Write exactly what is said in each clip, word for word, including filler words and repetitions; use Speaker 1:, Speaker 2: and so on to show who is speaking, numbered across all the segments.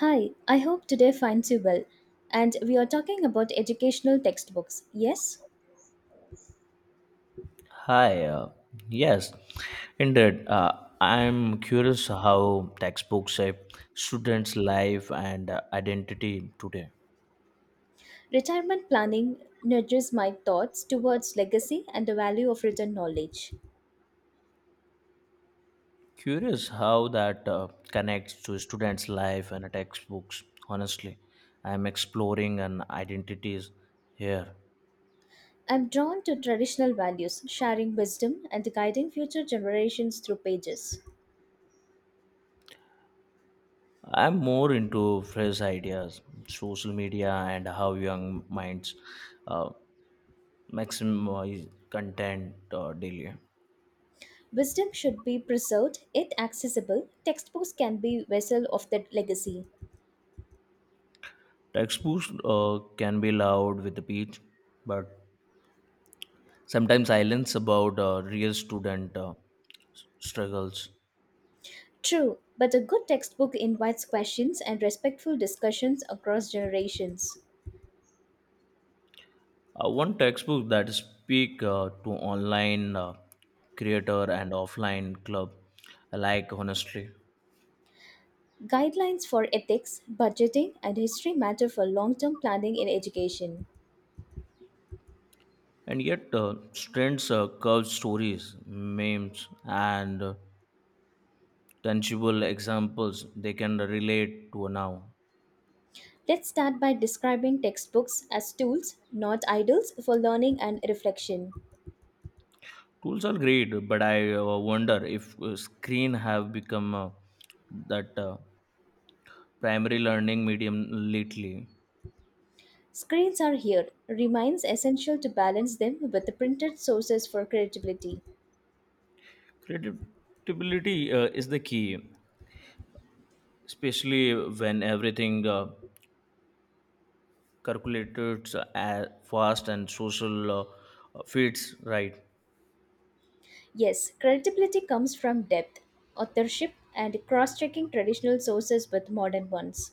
Speaker 1: Hi, I hope today finds you well. And we are talking about educational textbooks, yes?
Speaker 2: Hi, uh, yes, indeed. Uh, I'm curious how textbooks shape students' life and uh, identity today.
Speaker 1: Retirement planning nudges my thoughts towards legacy and the value of written knowledge.
Speaker 2: Curious how that uh, connects to students' life and textbooks. Honestly, I'm exploring an identities here.
Speaker 1: I'm drawn to traditional values, sharing wisdom and guiding future generations through pages.
Speaker 2: I'm more into fresh ideas, social media, and how young minds uh, maximize content uh, daily.
Speaker 1: Wisdom should be preserved, yet accessible. Textbooks can be vessel of that legacy.
Speaker 2: Textbooks uh, can be loud with a pitch, but sometimes silence about uh, real student uh, s- struggles.
Speaker 1: True, but a good textbook invites questions and respectful discussions across generations.
Speaker 2: Uh, one textbook that speak uh, to online uh, creator and offline club alike honestly,
Speaker 1: Guidelines for ethics, budgeting, and history matter for long term planning in education.
Speaker 2: and yet uh, strands uh, curved stories, memes, and uh, tangible examples they can relate to now.
Speaker 1: Let's start by describing textbooks as tools, not idols, for learning and reflection.
Speaker 2: Tools are great, but I uh, wonder if uh, screen have become uh, that. Uh, primary learning medium lately.
Speaker 1: Screens are here, remains essential to balance them with the printed sources for credibility.
Speaker 2: Credibility uh, is the key, especially when everything uh, calculated uh, fast and social uh, fits right.
Speaker 1: Yes, credibility comes from depth, authorship, and cross checking traditional sources with modern ones.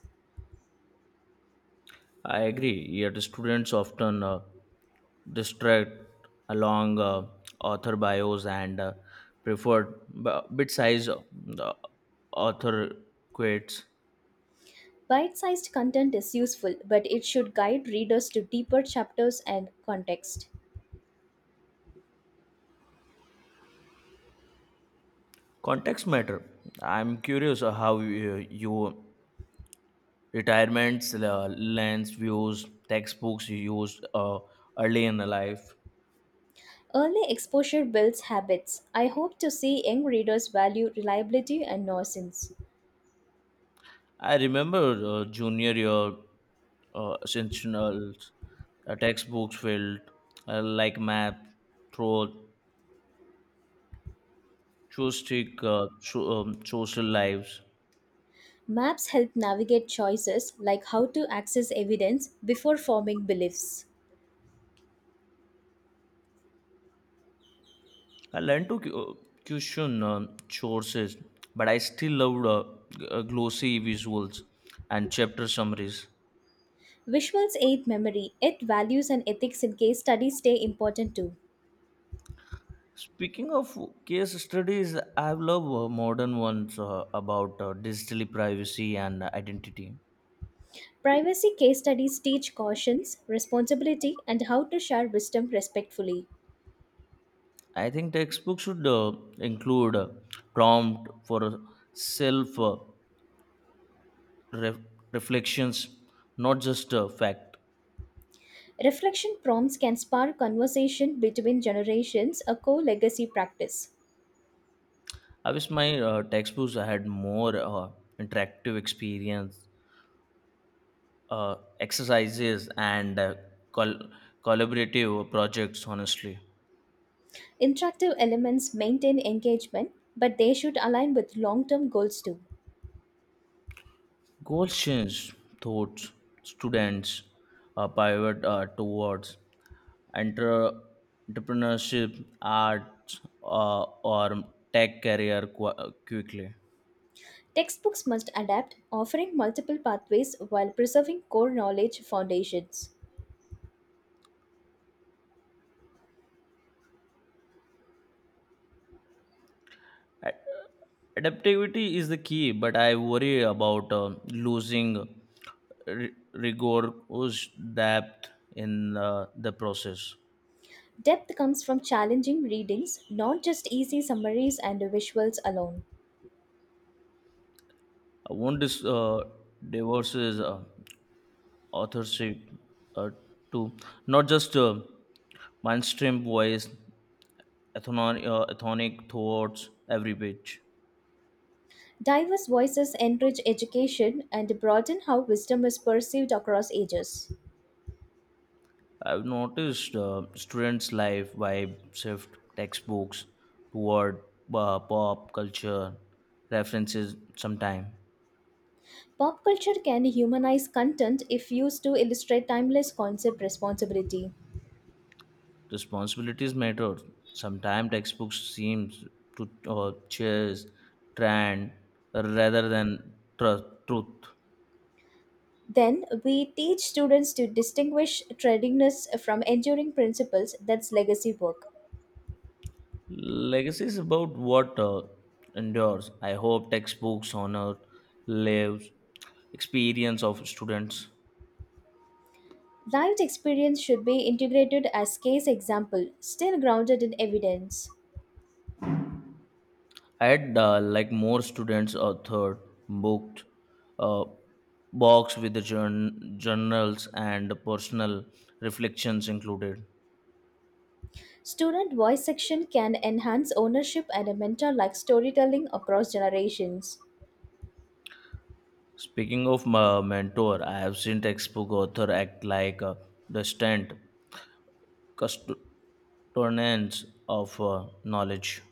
Speaker 2: I agree. Yet students often uh, distract along uh, author bios and uh, preferred b- bit size uh, author quotes.
Speaker 1: Bite sized content is useful, but it should guide readers to deeper chapters and context.
Speaker 2: Context matter. I'm curious uh, how you, you retirements, uh, lands, views, textbooks you used uh, early in the life.
Speaker 1: Early exposure builds habits. I hope to see young readers value reliability and nuisance.
Speaker 2: I remember uh, junior year uh, essential uh, textbooks filled uh, like math, throat, joystick, uh, so, um, social lives.
Speaker 1: Maps help navigate choices like how to access evidence before forming beliefs.
Speaker 2: I learned to cu- uh, question um, sources, but I still loved uh, g- uh, glossy visuals and chapter summaries.
Speaker 1: Visuals aid memory, yet values and ethics in case studies stay important too.
Speaker 2: Speaking of case studies, I've loved uh, modern ones uh, about uh, digital privacy and uh, identity.
Speaker 1: Privacy case studies teach cautions, responsibility, and how to share wisdom respectfully.
Speaker 2: I think textbooks should uh, include a prompt for uh, self uh, ref- reflections, not just uh, fact.
Speaker 1: Reflection prompts can spark conversation between generations, a core legacy practice.
Speaker 2: I wish my uh, textbooks had more uh, interactive experience, uh, exercises, and uh, col- collaborative projects. Honestly.
Speaker 1: Interactive elements maintain engagement, but they should align with long term goals too.
Speaker 2: Questions thoughts. Students a pivot uh, towards entre- entrepreneurship, arts, uh, or tech career qu- quickly.
Speaker 1: Textbooks must adapt, offering multiple pathways while preserving core knowledge foundations.
Speaker 2: Ad- Adaptivity is the key, but I worry about uh, losing r- rigorous depth in uh, the process.
Speaker 1: Depth comes from challenging readings, not just easy summaries and visuals alone.
Speaker 2: I want this uh, divorces. Uh, authorship uh, to not just uh, mainstream voice, ethno- uh, ethnic thoughts, every page.
Speaker 1: Diverse voices enrich education and broaden how wisdom is perceived across ages.
Speaker 2: I've noticed uh, students' life vibe shift textbooks toward uh, pop culture references sometimes.
Speaker 1: Pop culture can humanize content if used to illustrate timeless concept responsibility.
Speaker 2: Responsibilities matter. Sometimes textbooks seems to uh, chase trend rather than tru- truth.
Speaker 1: Then we teach students to distinguish tradingness from enduring principles that's legacy work.
Speaker 2: Legacy is about what uh, endures. I hope textbooks honor lives experience of students.
Speaker 1: Lived experience should be integrated as case example, still grounded in evidence.
Speaker 2: I had uh, like more students a third booked uh, box with the journ- journals and personal reflections included.
Speaker 1: Student voice section can enhance ownership and a mentor like storytelling across generations.
Speaker 2: Speaking of my mentor, I have seen textbook author act like a distant custodians of uh, knowledge.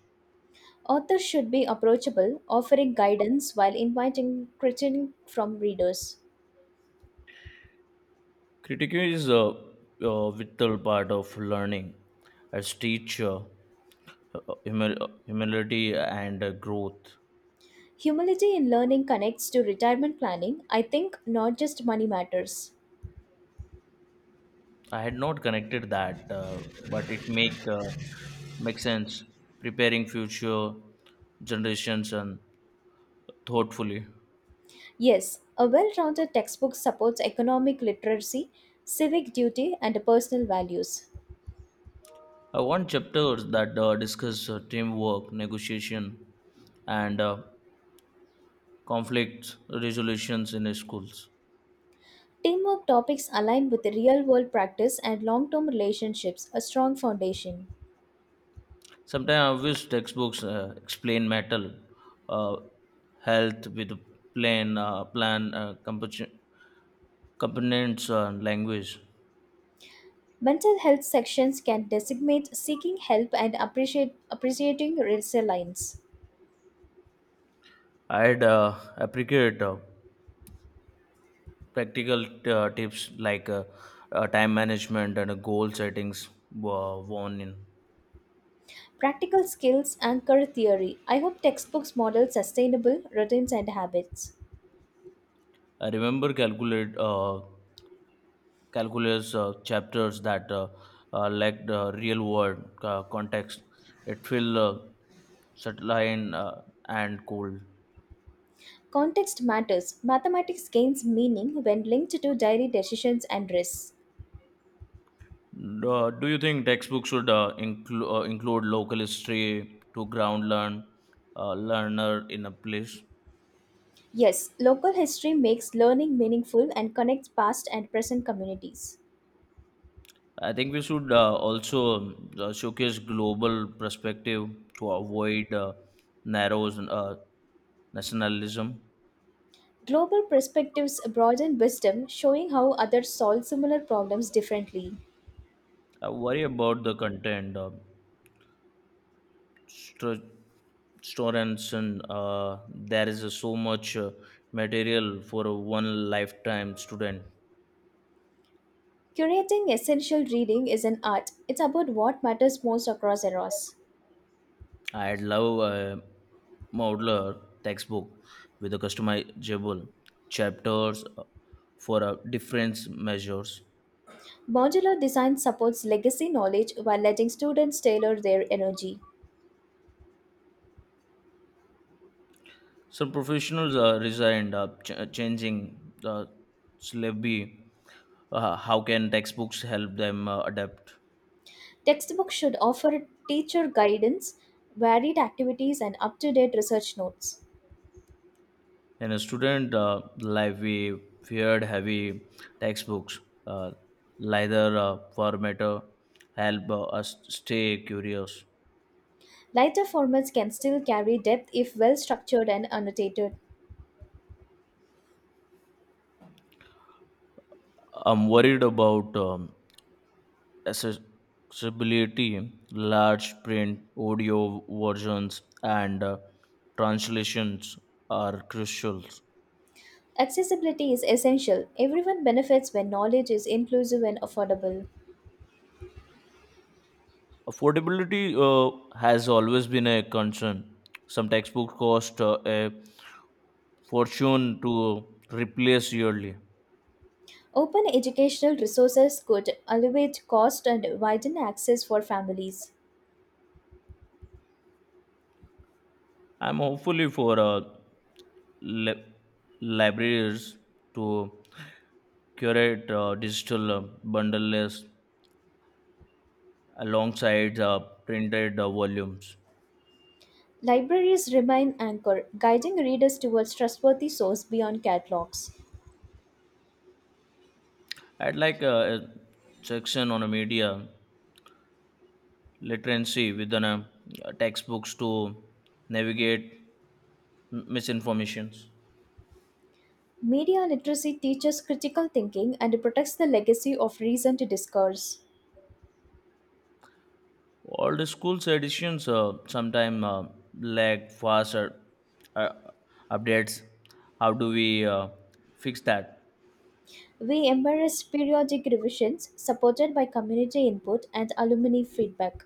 Speaker 1: Authors should be approachable, offering guidance while inviting critique from readers.
Speaker 2: Critiquing is a, a vital part of learning as teacher, uh, humil- humility and uh, growth.
Speaker 1: Humility in learning connects to retirement planning, I think, not just money matters.
Speaker 2: I had not connected that, uh, but it make uh, make sense. Preparing future generations and thoughtfully.
Speaker 1: Yes, a well rounded textbook supports economic literacy, civic duty, and personal values.
Speaker 2: I want chapters that uh, discuss uh, teamwork, negotiation, and uh, conflict resolutions in schools.
Speaker 1: Teamwork topics align with real world practice and long term relationships, a strong foundation.
Speaker 2: Sometimes I wish textbooks uh, explain metal uh, health with plain uh, plan uh, composi- components uh, and language.
Speaker 1: Mental health sections can designate seeking help and appreciate, appreciating resilience.
Speaker 2: I'd uh, appreciate uh, practical uh, tips like uh, uh, time management and uh, goal settings were worn in.
Speaker 1: Practical skills anchor theory. I hope textbooks model sustainable routines and habits.
Speaker 2: I remember calculate uh, calculus uh, chapters that uh, uh, lacked uh, real world uh, context. It felt uh, subtle and, uh, and cold.
Speaker 1: Context matters. Mathematics gains meaning when linked to daily decisions and risks.
Speaker 2: Uh, do you think textbooks should uh, inclu- uh, include local history to ground learn uh, learner in a place?
Speaker 1: Yes, local history makes learning meaningful and connects past and present communities.
Speaker 2: I think we should uh, also um, uh, showcase global perspective to avoid uh, narrow uh, nationalism.
Speaker 1: Global perspectives broaden wisdom, showing how others solve similar problems differently.
Speaker 2: I worry about the content. Uh, stru- Students and uh, there is uh, so much uh, material for a one lifetime student.
Speaker 1: Curating essential reading is an art, it's about what matters most across eras.
Speaker 2: I'd love a modular textbook with a customizable chapters uh, for uh, different measures.
Speaker 1: Modular design supports legacy knowledge while letting students tailor their energy.
Speaker 2: Some professionals uh, resigned uh, ch- uh, changing the syllabi. Uh, how can textbooks help them uh, adapt?
Speaker 1: Textbooks should offer teacher guidance, varied activities, and up to date research notes.
Speaker 2: In a student uh, life, we feared heavy textbooks. Uh, Lighter uh, format uh, help uh, us stay curious.
Speaker 1: Lighter formats can still carry depth if well structured and annotated.
Speaker 2: I'm worried about um, accessibility, large print, audio versions, and uh, translations are crucial.
Speaker 1: Accessibility is essential. Everyone benefits when knowledge is inclusive and affordable.
Speaker 2: Affordability uh, has always been a concern. Some textbooks cost uh, a fortune to replace yearly.
Speaker 1: Open educational resources could alleviate cost and widen access for families.
Speaker 2: I'm hopefully for uh, li- libraries to curate uh, digital uh, bundles alongside uh, printed uh, volumes.
Speaker 1: Libraries remain anchor, guiding readers towards trustworthy source beyond catalogs.
Speaker 2: I'd like a, a section on a media literacy within a, uh, textbooks to navigate m- misinformations.
Speaker 1: Media literacy teaches critical thinking and protects the legacy of recent discourse.
Speaker 2: All the schools' editions uh, sometimes uh, lack faster uh, uh, updates. How do we uh, fix that?
Speaker 1: We embrace periodic revisions supported by community input and alumni feedback.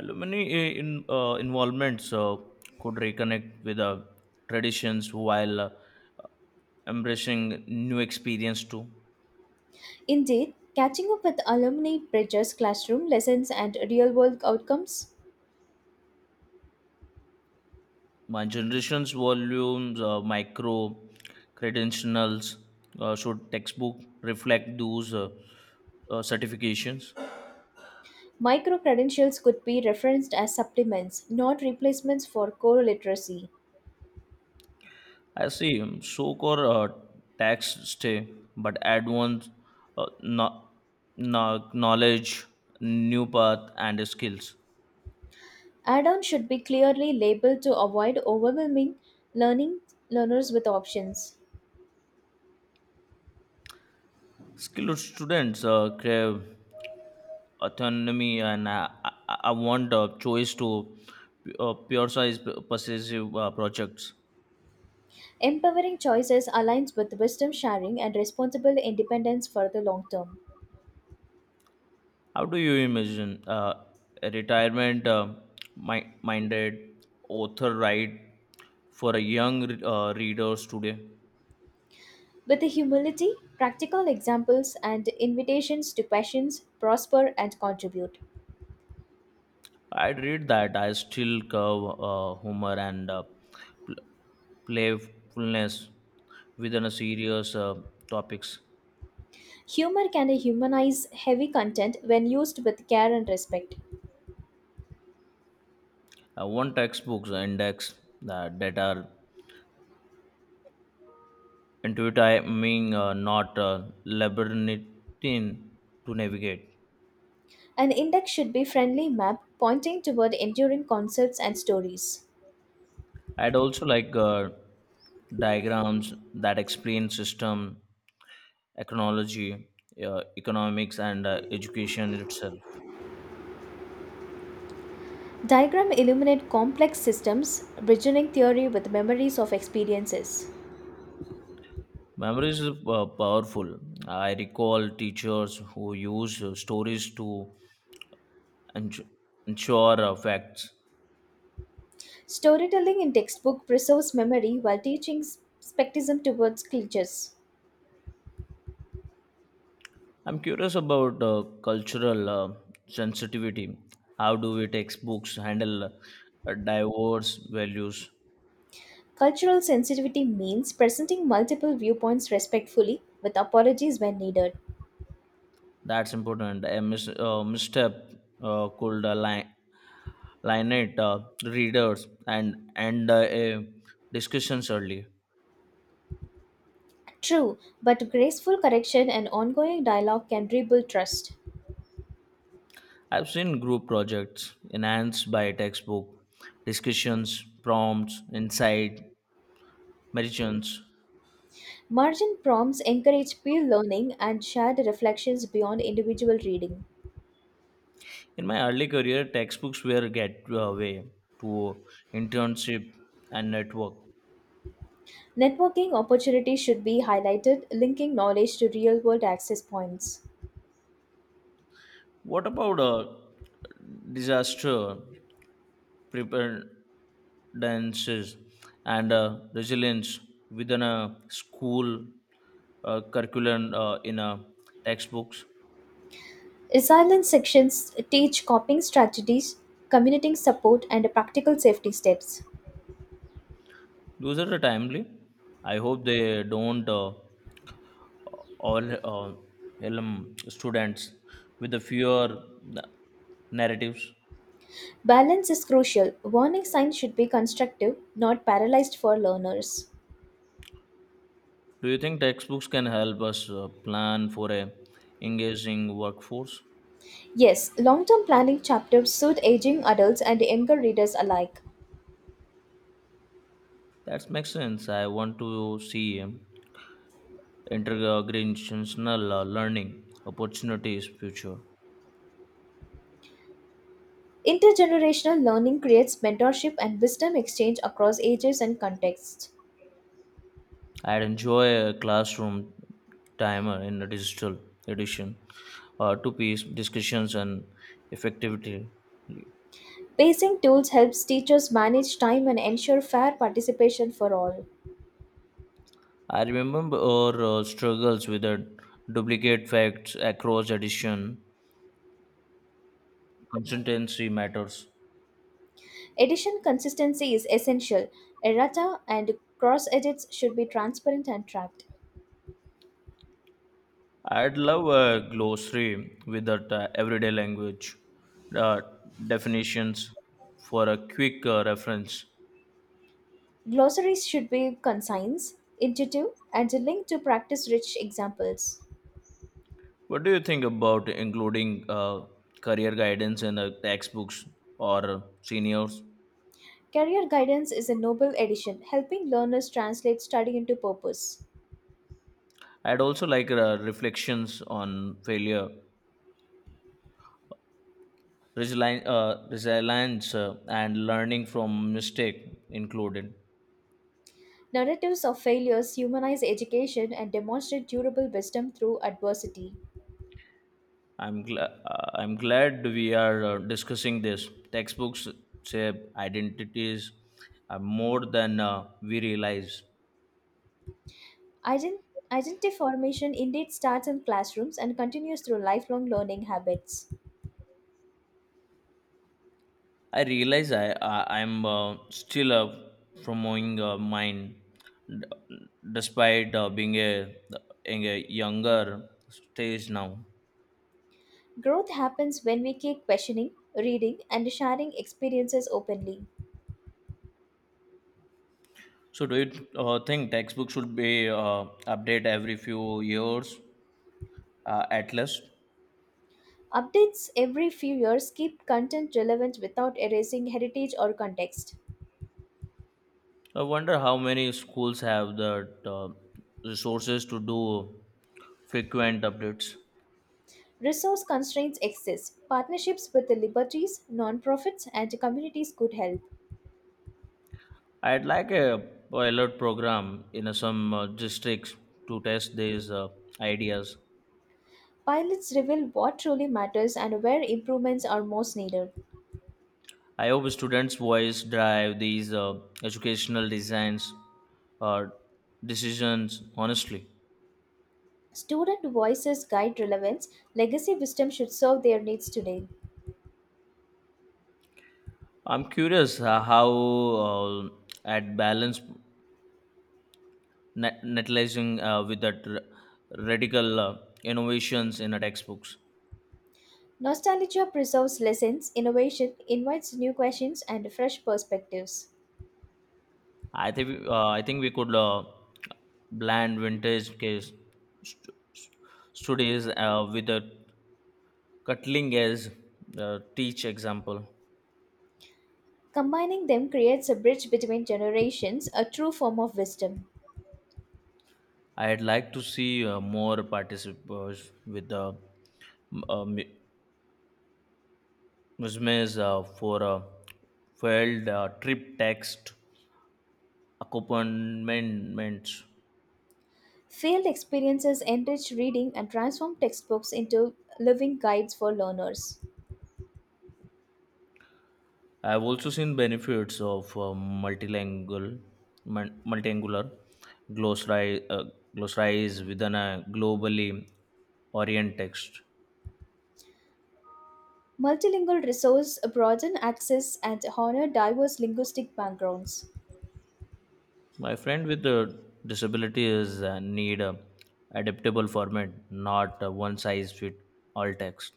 Speaker 2: Alumni i- in, uh, involvements uh, could reconnect with uh, traditions while uh, embracing new experience too.
Speaker 1: Indeed, catching up with alumni bridges classroom lessons and real world outcomes.
Speaker 2: My generation's volumes uh, micro credentials uh, should textbook reflect those uh, uh, certifications.
Speaker 1: Micro credentials could be referenced as supplements, not replacements for core literacy.
Speaker 2: I see um, so core uh, tax stay but advanced uh, no- no- knowledge new path and skills.
Speaker 1: Add ons should be clearly labeled to avoid overwhelming learning learners with options.
Speaker 2: Skilled students uh, crave autonomy and uh, I, I I want uh, choice to uh, pure size possessive uh, projects.
Speaker 1: Empowering choices aligns with wisdom sharing and responsible independence for the long term.
Speaker 2: How do you imagine uh, a retirement uh, mi- minded author write for a young uh, readers today?
Speaker 1: With the humility, practical examples, and invitations to questions, prosper and contribute.
Speaker 2: I'd read that I still curve uh, humor and uh, pl- playfulness within a serious uh, topics.
Speaker 1: Humor can humanize heavy content when used with care and respect.
Speaker 2: Uh, one textbook's index uh, that are intuitive, I mean, uh, not uh, labyrinthine to navigate.
Speaker 1: An index should be friendly map pointing toward enduring concepts and stories.
Speaker 2: I'd also like uh, diagrams that explain system, ecology, uh, economics, and uh, education itself.
Speaker 1: Diagram illuminate complex systems, bridging theory with memories of experiences.
Speaker 2: Memories is uh, powerful. I recall teachers who use uh, stories to ens- ensure uh, facts.
Speaker 1: Storytelling in textbook preserves memory while teaching spectism towards cliches.
Speaker 2: I'm curious about uh, cultural uh, sensitivity. How do we textbooks handle uh, diverse values?
Speaker 1: Cultural sensitivity means presenting multiple viewpoints respectfully with apologies when needed.
Speaker 2: That's important. A mis- uh, misstep uh, could align Lynette uh, readers and and uh, a discussions early.
Speaker 1: True, but graceful correction and ongoing dialogue can rebuild trust.
Speaker 2: I've seen group projects enhanced by textbook discussions, prompts, insight, margins.
Speaker 1: Margin prompts encourage peer learning and shared reflections beyond individual reading.
Speaker 2: In my early career, textbooks were a gateway to internship and network.
Speaker 1: Networking opportunities should be highlighted, linking knowledge to real world access points.
Speaker 2: What about a disaster prepare? Dances and uh, resilience within a school uh, curriculum uh, in uh, textbooks.
Speaker 1: Resilience sections teach coping strategies, community support, and practical safety steps.
Speaker 2: Those are the timely. I hope they don't uh, all uh, helm students with the fewer na- narratives.
Speaker 1: Balance is crucial. Warning signs should be constructive, not paralyzed for learners.
Speaker 2: Do you think textbooks can help us uh, plan for a engaging workforce?
Speaker 1: Yes, long term planning chapters suit aging adults and younger readers alike.
Speaker 2: That makes sense. I want to see um, intergenerational uh, learning opportunities future.
Speaker 1: Intergenerational learning creates mentorship and wisdom exchange across ages and contexts.
Speaker 2: I'd enjoy a classroom timer in a digital edition uh, two piece discussions and effectivity.
Speaker 1: Pacing tools helps teachers manage time and ensure fair participation for all.
Speaker 2: I remember our uh, struggles with the duplicate facts across edition. Consistency matters.
Speaker 1: Edition consistency is essential. Errata and cross edits should be transparent and tracked.
Speaker 2: I'd love a glossary with that uh, everyday language uh, definitions for a quick uh, reference.
Speaker 1: Glossaries should be concise, intuitive, and linked to practice rich examples.
Speaker 2: What do you think about including uh, career guidance in the textbooks or seniors?
Speaker 1: Career guidance is a noble addition, helping learners translate study into purpose.
Speaker 2: I'd also like uh, reflections on failure, resilience, uh, resilience uh, and learning from mistake included.
Speaker 1: Narratives of failures humanize education and demonstrate durable wisdom through adversity.
Speaker 2: I'm gl- uh, I'm glad we are uh, discussing this. Textbooks shape identities uh, more than uh, we realize.
Speaker 1: Ident- Identity formation indeed starts in classrooms and continues through lifelong learning habits.
Speaker 2: I realize I, I I'm uh, still uh, promoting uh, mine, d- despite uh, being a, in a younger stage now.
Speaker 1: Growth happens when we keep questioning, reading, and sharing experiences openly.
Speaker 2: So, do you uh, think textbooks should be uh, updated every few years uh, at least?
Speaker 1: Updates every few years keep content relevant without erasing heritage or context.
Speaker 2: I wonder how many schools have the uh, resources to do frequent updates.
Speaker 1: Resource constraints exist. Partnerships with the liberties, nonprofits, and communities could help.
Speaker 2: I'd like a pilot program in uh, some uh, districts to test these uh, ideas.
Speaker 1: Pilots reveal what truly matters and where improvements are most needed.
Speaker 2: I hope students' voice drive these uh, educational designs or decisions. Honestly,
Speaker 1: Student voices guide relevance. Legacy wisdom should serve their needs today.
Speaker 2: I'm curious uh, how uh, at balance net- netalizing uh, with that r- radical uh, innovations in the textbooks.
Speaker 1: Nostalgia preserves lessons, innovation invites new questions and fresh perspectives.
Speaker 2: I think uh, I think we could uh, blend vintage case st- studies uh, with a cutting edge uh, teach example.
Speaker 1: Combining them creates a bridge between generations, a true form of wisdom.
Speaker 2: I'd like to see uh, more participants with the uh, Muslims uh, for a failed uh, trip text accompaniments.
Speaker 1: Field experiences enrich reading and transform textbooks into living guides for learners.
Speaker 2: I've also seen benefits of uh, multilingual, mul- multiangular glossary, uh, glossaries within a globally orient text.
Speaker 1: Multilingual resources broaden access and honor diverse linguistic backgrounds.
Speaker 2: My friend with the disabilities uh, need a adaptable format, not a one size fit all text.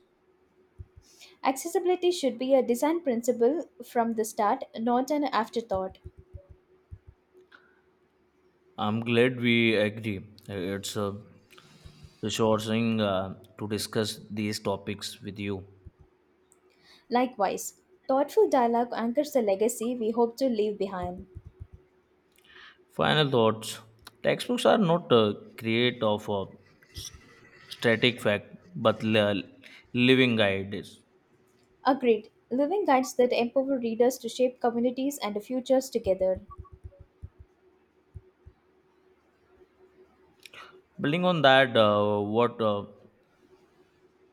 Speaker 1: Accessibility should be a design principle from the start, not an afterthought.
Speaker 2: I'm glad we agree. It's uh, resourcing uh, to discuss these topics with you.
Speaker 1: Likewise, thoughtful dialogue anchors the legacy we hope to leave behind.
Speaker 2: Final thoughts. Textbooks are not uh, create of a s- static fact but li- living guides.
Speaker 1: Agreed, living guides that empower readers to shape communities and futures together.
Speaker 2: Building on that, uh, what uh,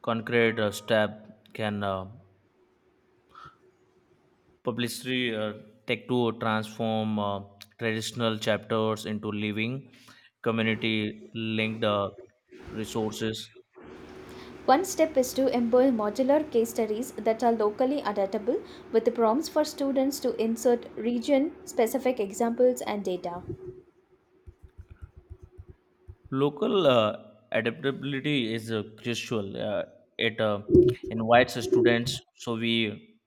Speaker 2: concrete uh, step can uh, publicity uh, take to transform uh, traditional chapters into living community linked uh, resources?
Speaker 1: One step is to employ modular case studies that are locally adaptable with prompts for students to insert region specific examples and data.
Speaker 2: Local uh, adaptability is uh, crucial. Uh, it uh, invites the students so we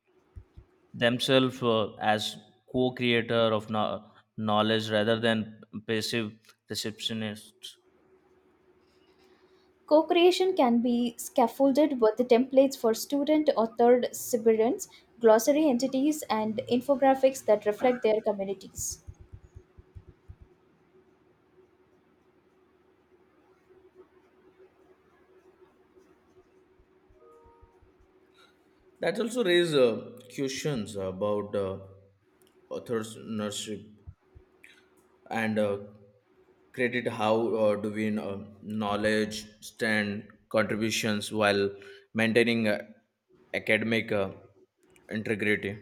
Speaker 2: themselves uh, as co-creator of no- knowledge rather than passive receptionists.
Speaker 1: Co creation can be scaffolded with templates for student authored submissions, glossary entities, and infographics that reflect their communities.
Speaker 2: That also raises uh, questions about uh, authorship and uh, credit. How uh, do we uh, knowledge stand contributions while maintaining uh, academic uh, integrity?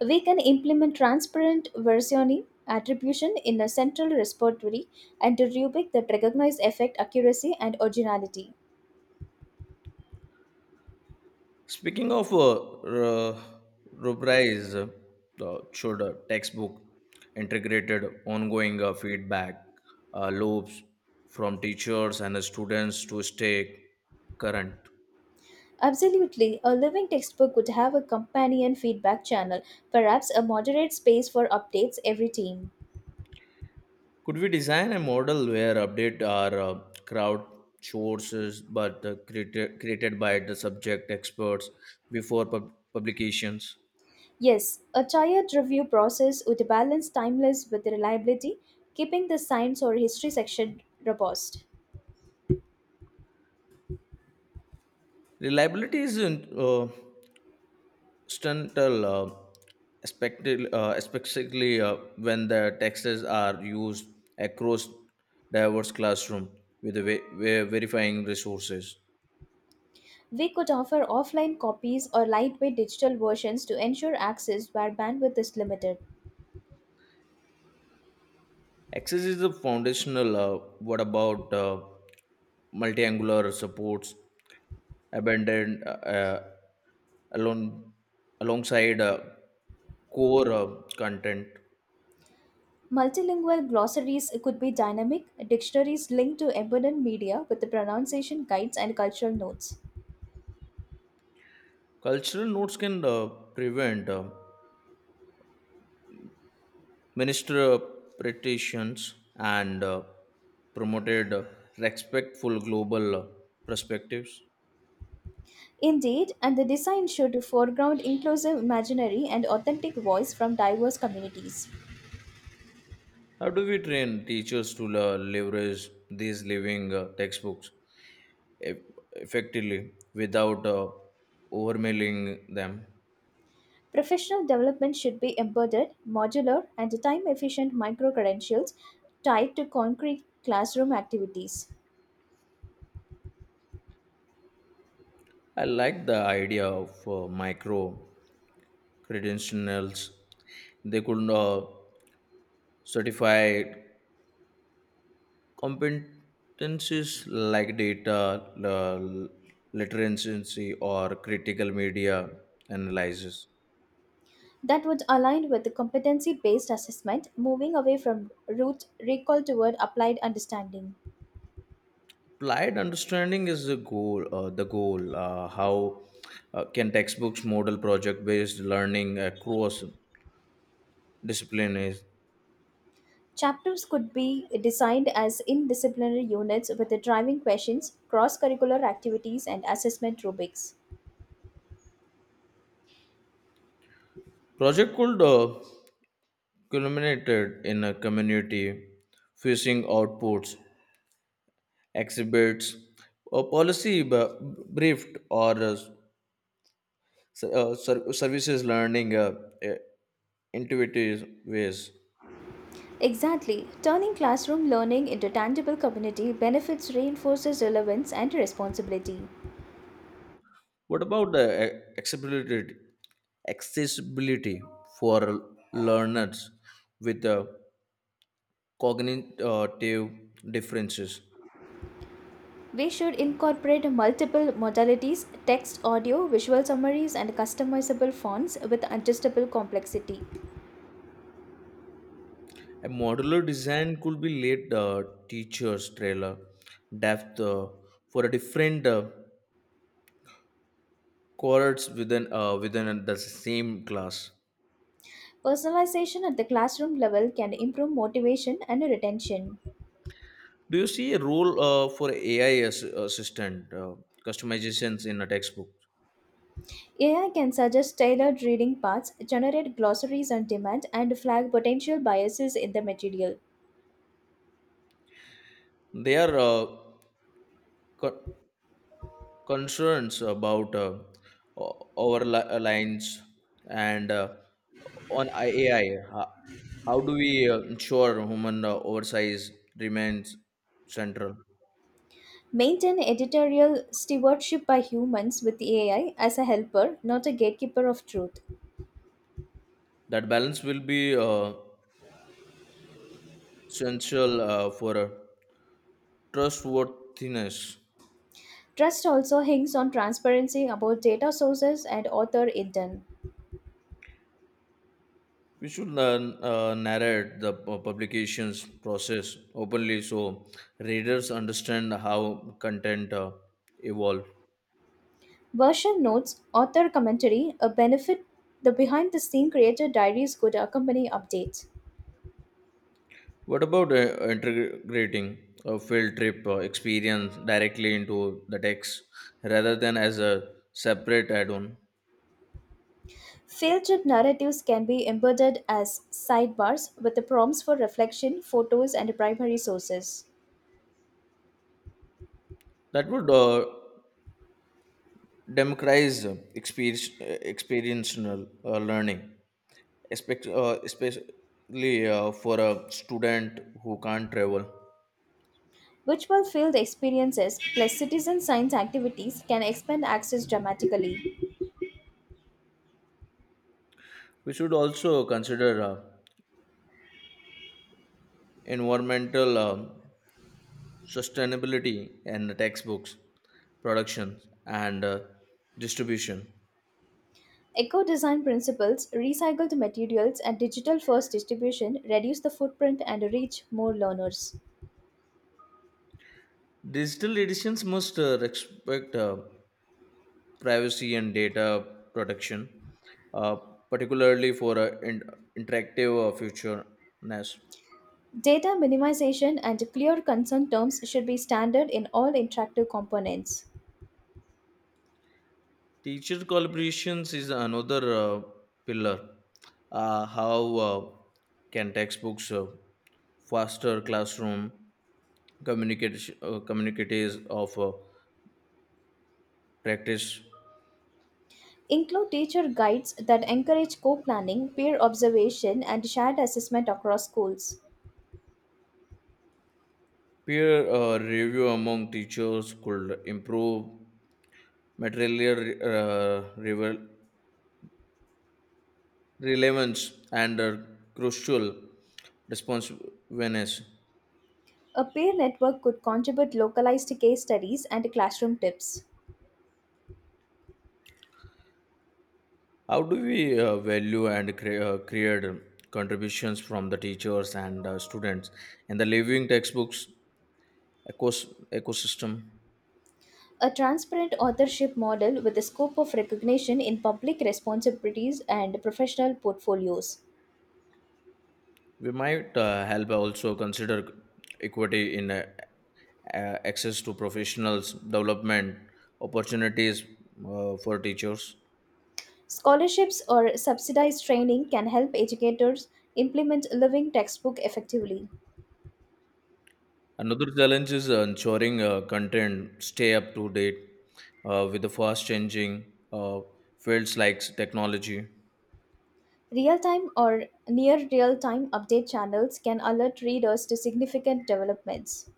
Speaker 1: We can implement transparent versioning attribution in a central repository and a rubric that recognize effect accuracy and originality.
Speaker 2: Speaking of uh, r- rubrics, uh, uh, should uh, textbook integrated ongoing uh, feedback uh, loops from teachers and the students to stay current?
Speaker 1: Absolutely, a living textbook would have a companion feedback channel, perhaps a moderate space for updates every team.
Speaker 2: Could we design a model where update are uh, crowd sources but uh, created, created by the subject experts before pub- publications?
Speaker 1: Yes, a tiered review process would balance timeless with reliability, keeping the science or history section robust.
Speaker 2: Reliability is in, uh, Stuntal, uh, expected, uh, especially uh, when the texts are used across diverse classroom with ve- ve- verifying resources.
Speaker 1: We could offer offline copies or lightweight digital versions to ensure access where bandwidth is limited.
Speaker 2: Access is the foundational. Uh, what about uh, multi-angular supports, abandoned uh, uh, alone alongside uh, core uh, content?
Speaker 1: Multilingual glossaries could be dynamic, dictionaries linked to embedded media with the pronunciation guides and cultural notes.
Speaker 2: Cultural notes can uh, prevent. Uh, minister petitions and uh, promoted uh, respectful global uh, perspectives.
Speaker 1: Indeed, and the design should foreground inclusive imaginary and authentic voice from diverse communities.
Speaker 2: How do we train teachers to uh, leverage these living uh, textbooks eff- effectively without uh, overmailing them?
Speaker 1: Professional development should be embedded, modular, and time efficient micro credentials tied to concrete classroom activities.
Speaker 2: I like the idea of uh, micro credentials. They could uh, certify competencies like data l- literacy or critical media analysis
Speaker 1: That would align with the competency based assessment, moving away from rote recall toward applied understanding.
Speaker 2: applied understanding is the goal uh, the goal uh, how uh, can textbooks model project based learning across disciplines
Speaker 1: Chapters could be designed as indisciplinary units with the driving questions, cross curricular activities, and assessment rubrics.
Speaker 2: project could uh, culminated in a community facing outputs exhibits a policy b- briefed or uh, s- uh, ser- services learning uh, intuitive ways.
Speaker 1: Exactly. Turning classroom learning into tangible community benefits reinforces relevance and responsibility.
Speaker 2: What about the a- accessibility accessibility for learners with uh, cognitive differences?
Speaker 1: We should incorporate multiple modalities text, audio, visual summaries, and customizable fonts with adjustable complexity.
Speaker 2: A modular design could be laid uh, teachers trailer depth uh, for a different uh, cohorts within uh, within the same class.
Speaker 1: Personalization at the classroom level can improve motivation and retention.
Speaker 2: Do you see a role uh, for A I as- uh, assistant uh, customizations in a textbook?
Speaker 1: A I can suggest tailored reading paths, generate glossaries on demand, and flag potential biases in the material.
Speaker 2: They are uh, co- concerns about uh, o- our li- lines and uh, on A I. How, how do we uh, ensure human uh, oversight remains central?
Speaker 1: Maintain editorial stewardship by humans with A I as a helper, not a gatekeeper of truth.
Speaker 2: That balance will be uh, essential uh, for uh, trustworthiness.
Speaker 1: Trust also hinges on transparency about data sources and author intent.
Speaker 2: We should uh, uh, narrate the pu- publication's process openly so readers understand how content uh, evolve.
Speaker 1: Version notes, author commentary, a benefit the behind the scene creator diaries could accompany updates.
Speaker 2: What about uh, integrating a field trip uh, experience directly into the text rather than as a separate add-on?
Speaker 1: Field trip narratives can be embedded as sidebars with the prompts for reflection, photos, and primary sources.
Speaker 2: That would uh, democratize uh, experience, uh, experiential uh, learning, espec- uh, especially uh, for a student who can't travel.
Speaker 1: Virtual field experiences plus citizen science activities can expand access dramatically.
Speaker 2: We should also consider uh, environmental um sustainability in the textbooks, productions, and uh, distribution.
Speaker 1: Eco design principles, recycled materials, and digital first distribution reduce the footprint and reach more learners.
Speaker 2: Digital editions must uh, respect uh, privacy and data protection, uh, particularly for uh, in- interactive uh, futureness.
Speaker 1: Data minimization and clear concern terms should be standard in all interactive components.
Speaker 2: Teacher collaborations is another uh, pillar. Uh, how uh, can textbooks uh, foster classroom communication uh, communicatives of uh, practice?
Speaker 1: Include teacher guides that encourage co planning, peer observation, and shared assessment across schools.
Speaker 2: Peer uh, review among teachers could improve material uh, revel- relevance and uh, crucial responsiveness.
Speaker 1: A peer network could contribute localized case studies and classroom tips.
Speaker 2: How do we uh, value and cre- uh, create contributions from the teachers and uh, students in the living textbooks ecos- ecosystem?
Speaker 1: A transparent authorship model with a scope of recognition in public responsibilities and professional portfolios.
Speaker 2: We might uh, help also consider equity in uh, uh, access to professionals, development opportunities uh, for teachers.
Speaker 1: Scholarships or subsidized training can help educators implement living textbook effectively.
Speaker 2: Another challenge is ensuring uh, content stay up to date uh, with the fast changing uh, fields like technology.
Speaker 1: Real time or near real time update channels can alert readers to significant developments.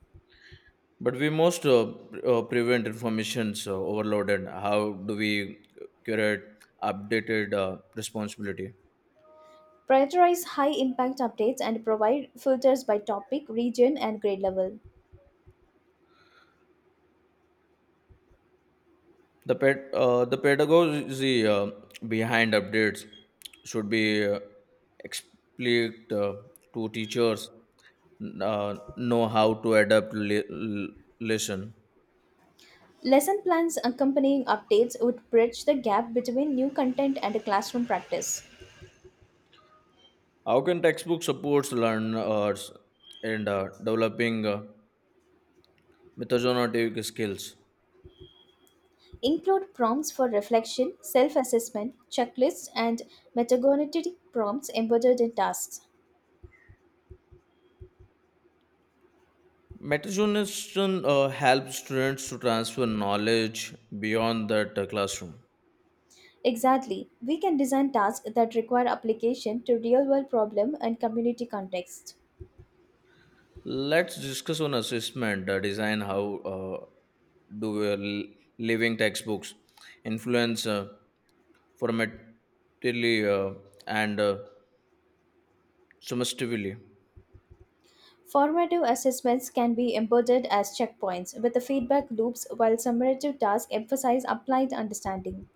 Speaker 2: But we must uh, pre- uh, prevent information's uh, overloaded. How do we curate updated uh, responsibility?
Speaker 1: Prioritize high impact updates and provide filters by topic, region, and grade level.
Speaker 2: The ped- uh, the pedagogy uh, behind updates should be uh, explicit uh, to teachers uh, know how to adapt le- l- lesson.
Speaker 1: Lesson plans accompanying updates would bridge the gap between new content and classroom practice.
Speaker 2: How can textbook supports learners in uh, developing uh, metagenic skills?
Speaker 1: Include prompts for reflection, self assessment, checklists, and metacognitive prompts embedded in tasks.
Speaker 2: Metacognition uh, helps students to transfer knowledge beyond that uh, classroom.
Speaker 1: Exactly. We can design tasks that require application to real world problem and community context.
Speaker 2: Let's discuss on assessment uh, design. How uh, do uh, l- living textbooks influence uh, formatively uh, and uh, summatively?
Speaker 1: Formative assessments can be embedded as checkpoints with the feedback loops, while summative tasks emphasize applied understanding.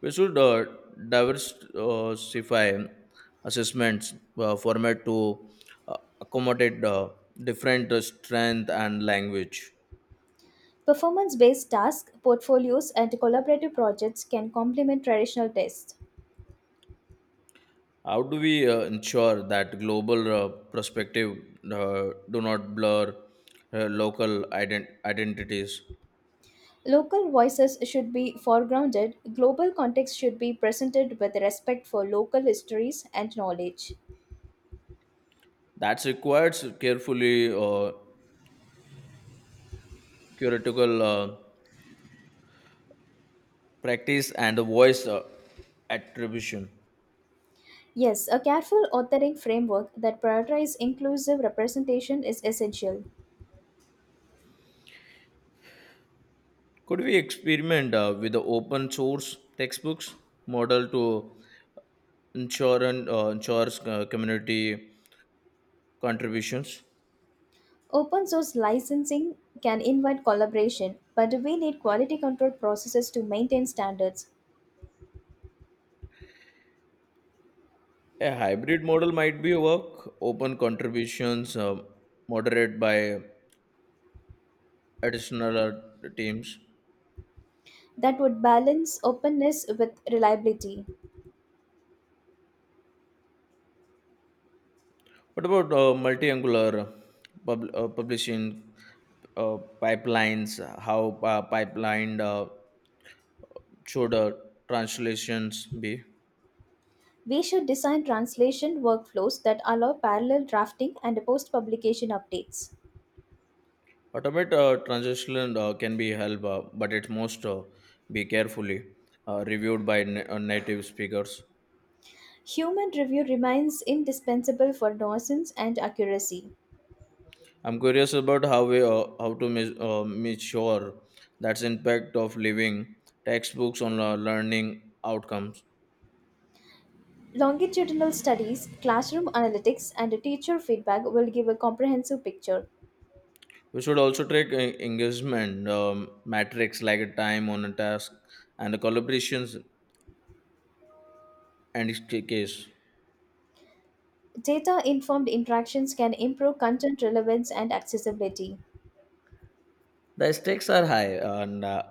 Speaker 2: We should uh, diversify assessments uh, format to uh, accommodate uh, different uh, strength and language.
Speaker 1: Performance based tasks, portfolios, and collaborative projects can complement traditional tests.
Speaker 2: How do we uh, ensure that global uh, perspective uh, do not blur uh, local ident- identities?
Speaker 1: Local voices should be foregrounded, global context should be presented with respect for local histories and knowledge.
Speaker 2: That requires carefully uh, curatorial uh, practice and voice uh, attribution.
Speaker 1: Yes, a careful authoring framework that prioritizes inclusive representation is essential.
Speaker 2: Could we experiment uh, with the open source textbooks model to insurance, uh, ensures uh, community contributions.
Speaker 1: Open source licensing can invite collaboration, but we need quality control processes to maintain standards
Speaker 2: A hybrid model might be work open contributions uh, moderated by additional uh, teams.
Speaker 1: that would balance openness with reliability.
Speaker 2: What about uh, multi-angular pub- uh, publishing uh, pipelines? How uh, pipeline uh, should uh, translations be?
Speaker 1: We should design translation workflows that allow parallel drafting and post publication updates.
Speaker 2: Automate uh, translation uh, can be help, uh, but it must uh, be carefully uh, reviewed by na- uh, native speakers.
Speaker 1: Human review remains indispensable for nuisance and accuracy.
Speaker 2: I'm curious about how we uh, how to mis- uh, make sure that's impact of living textbooks on uh, learning outcomes.
Speaker 1: Longitudinal studies, classroom analytics, and teacher feedback will give a comprehensive picture.
Speaker 2: We should also track uh, engagement um, metrics like a time on a task and the collaborations and its ca- case.
Speaker 1: Data informed interactions can improve content relevance and accessibility.
Speaker 2: The stakes are high, and uh,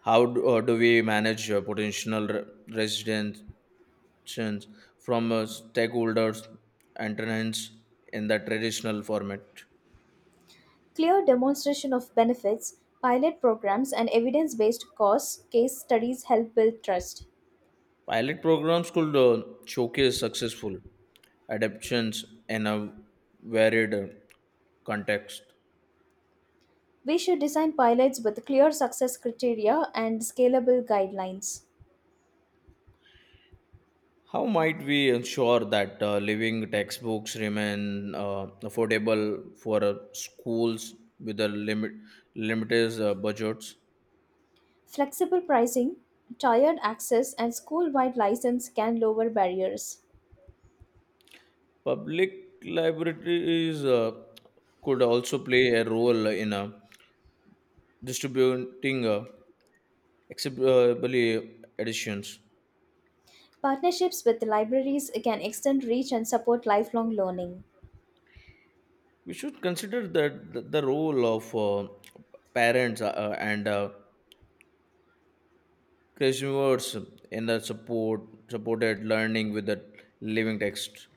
Speaker 2: how do, uh, do we manage uh, potential re- residents from uh, stakeholders and tenants in the traditional format?
Speaker 1: Clear demonstration of benefits, pilot programs, and evidence based cost case studies help build trust.
Speaker 2: Pilot programs could uh, showcase successful adaptations in a varied uh, context.
Speaker 1: We should design pilots with clear success criteria and scalable guidelines.
Speaker 2: How might we ensure that uh, living textbooks remain uh, affordable for uh, schools with a limit limited uh, budgets?
Speaker 1: Flexible pricing, tiered access, and school wide license can lower barriers.
Speaker 2: Public libraries uh, could also play a role in uh, distributing uh, acceptable editions.
Speaker 1: Partnerships with libraries can extend reach and support lifelong learning.
Speaker 2: We should consider that the, the role of uh, parents uh, uh, and uh, consumers in the support supported learning with the living text.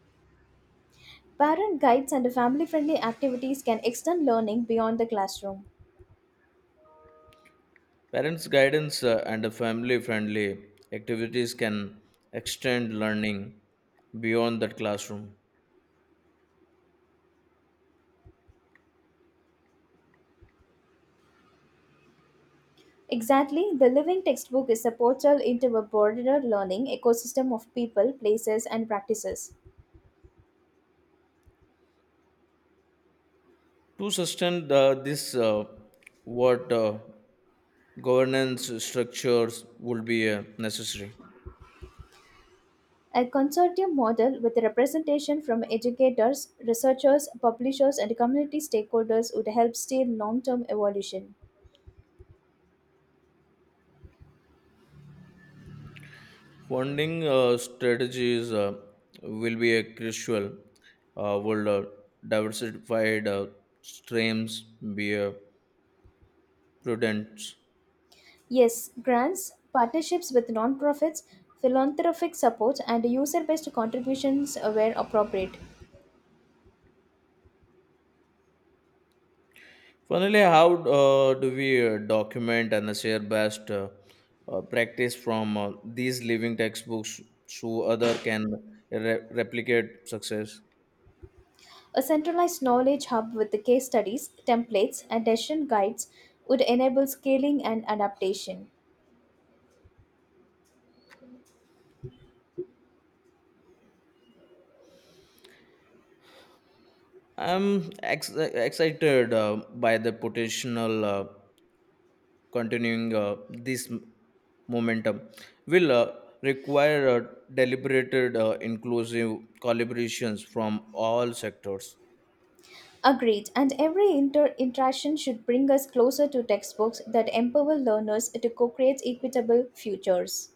Speaker 1: Parent guides and family friendly activities can extend learning beyond the classroom.
Speaker 2: Parents guidance uh, and the family friendly activities can extend learning beyond the classroom
Speaker 1: Exactly, the living textbook is a portal into a broader learning ecosystem of people, places, and practices.
Speaker 2: to sustain the, this uh, what uh, governance structures would be uh, necessary.
Speaker 1: A consortium model with representation from educators, researchers, publishers, and community stakeholders would help steer long term evolution.
Speaker 2: Funding uh, strategies uh, will be a crucial. Uh, will uh, diversified uh, streams be uh, prudent?
Speaker 1: Yes, grants, partnerships with non-profits, philanthropic support, and user-based contributions were appropriate.
Speaker 2: Finally, how uh, do we uh, document and share best uh, uh, practice from uh, these living textbooks so other can re- replicate success?
Speaker 1: A centralized knowledge hub with the case studies, templates, and decision guides would enable scaling and adaptation.
Speaker 2: I'm ex- excited uh, by the potential. Uh, continuing uh, this m- momentum will uh, require uh, deliberated uh, inclusive collaborations from all sectors.
Speaker 1: Agreed, and every inter- interaction should bring us closer to textbooks that empower learners to co create equitable futures.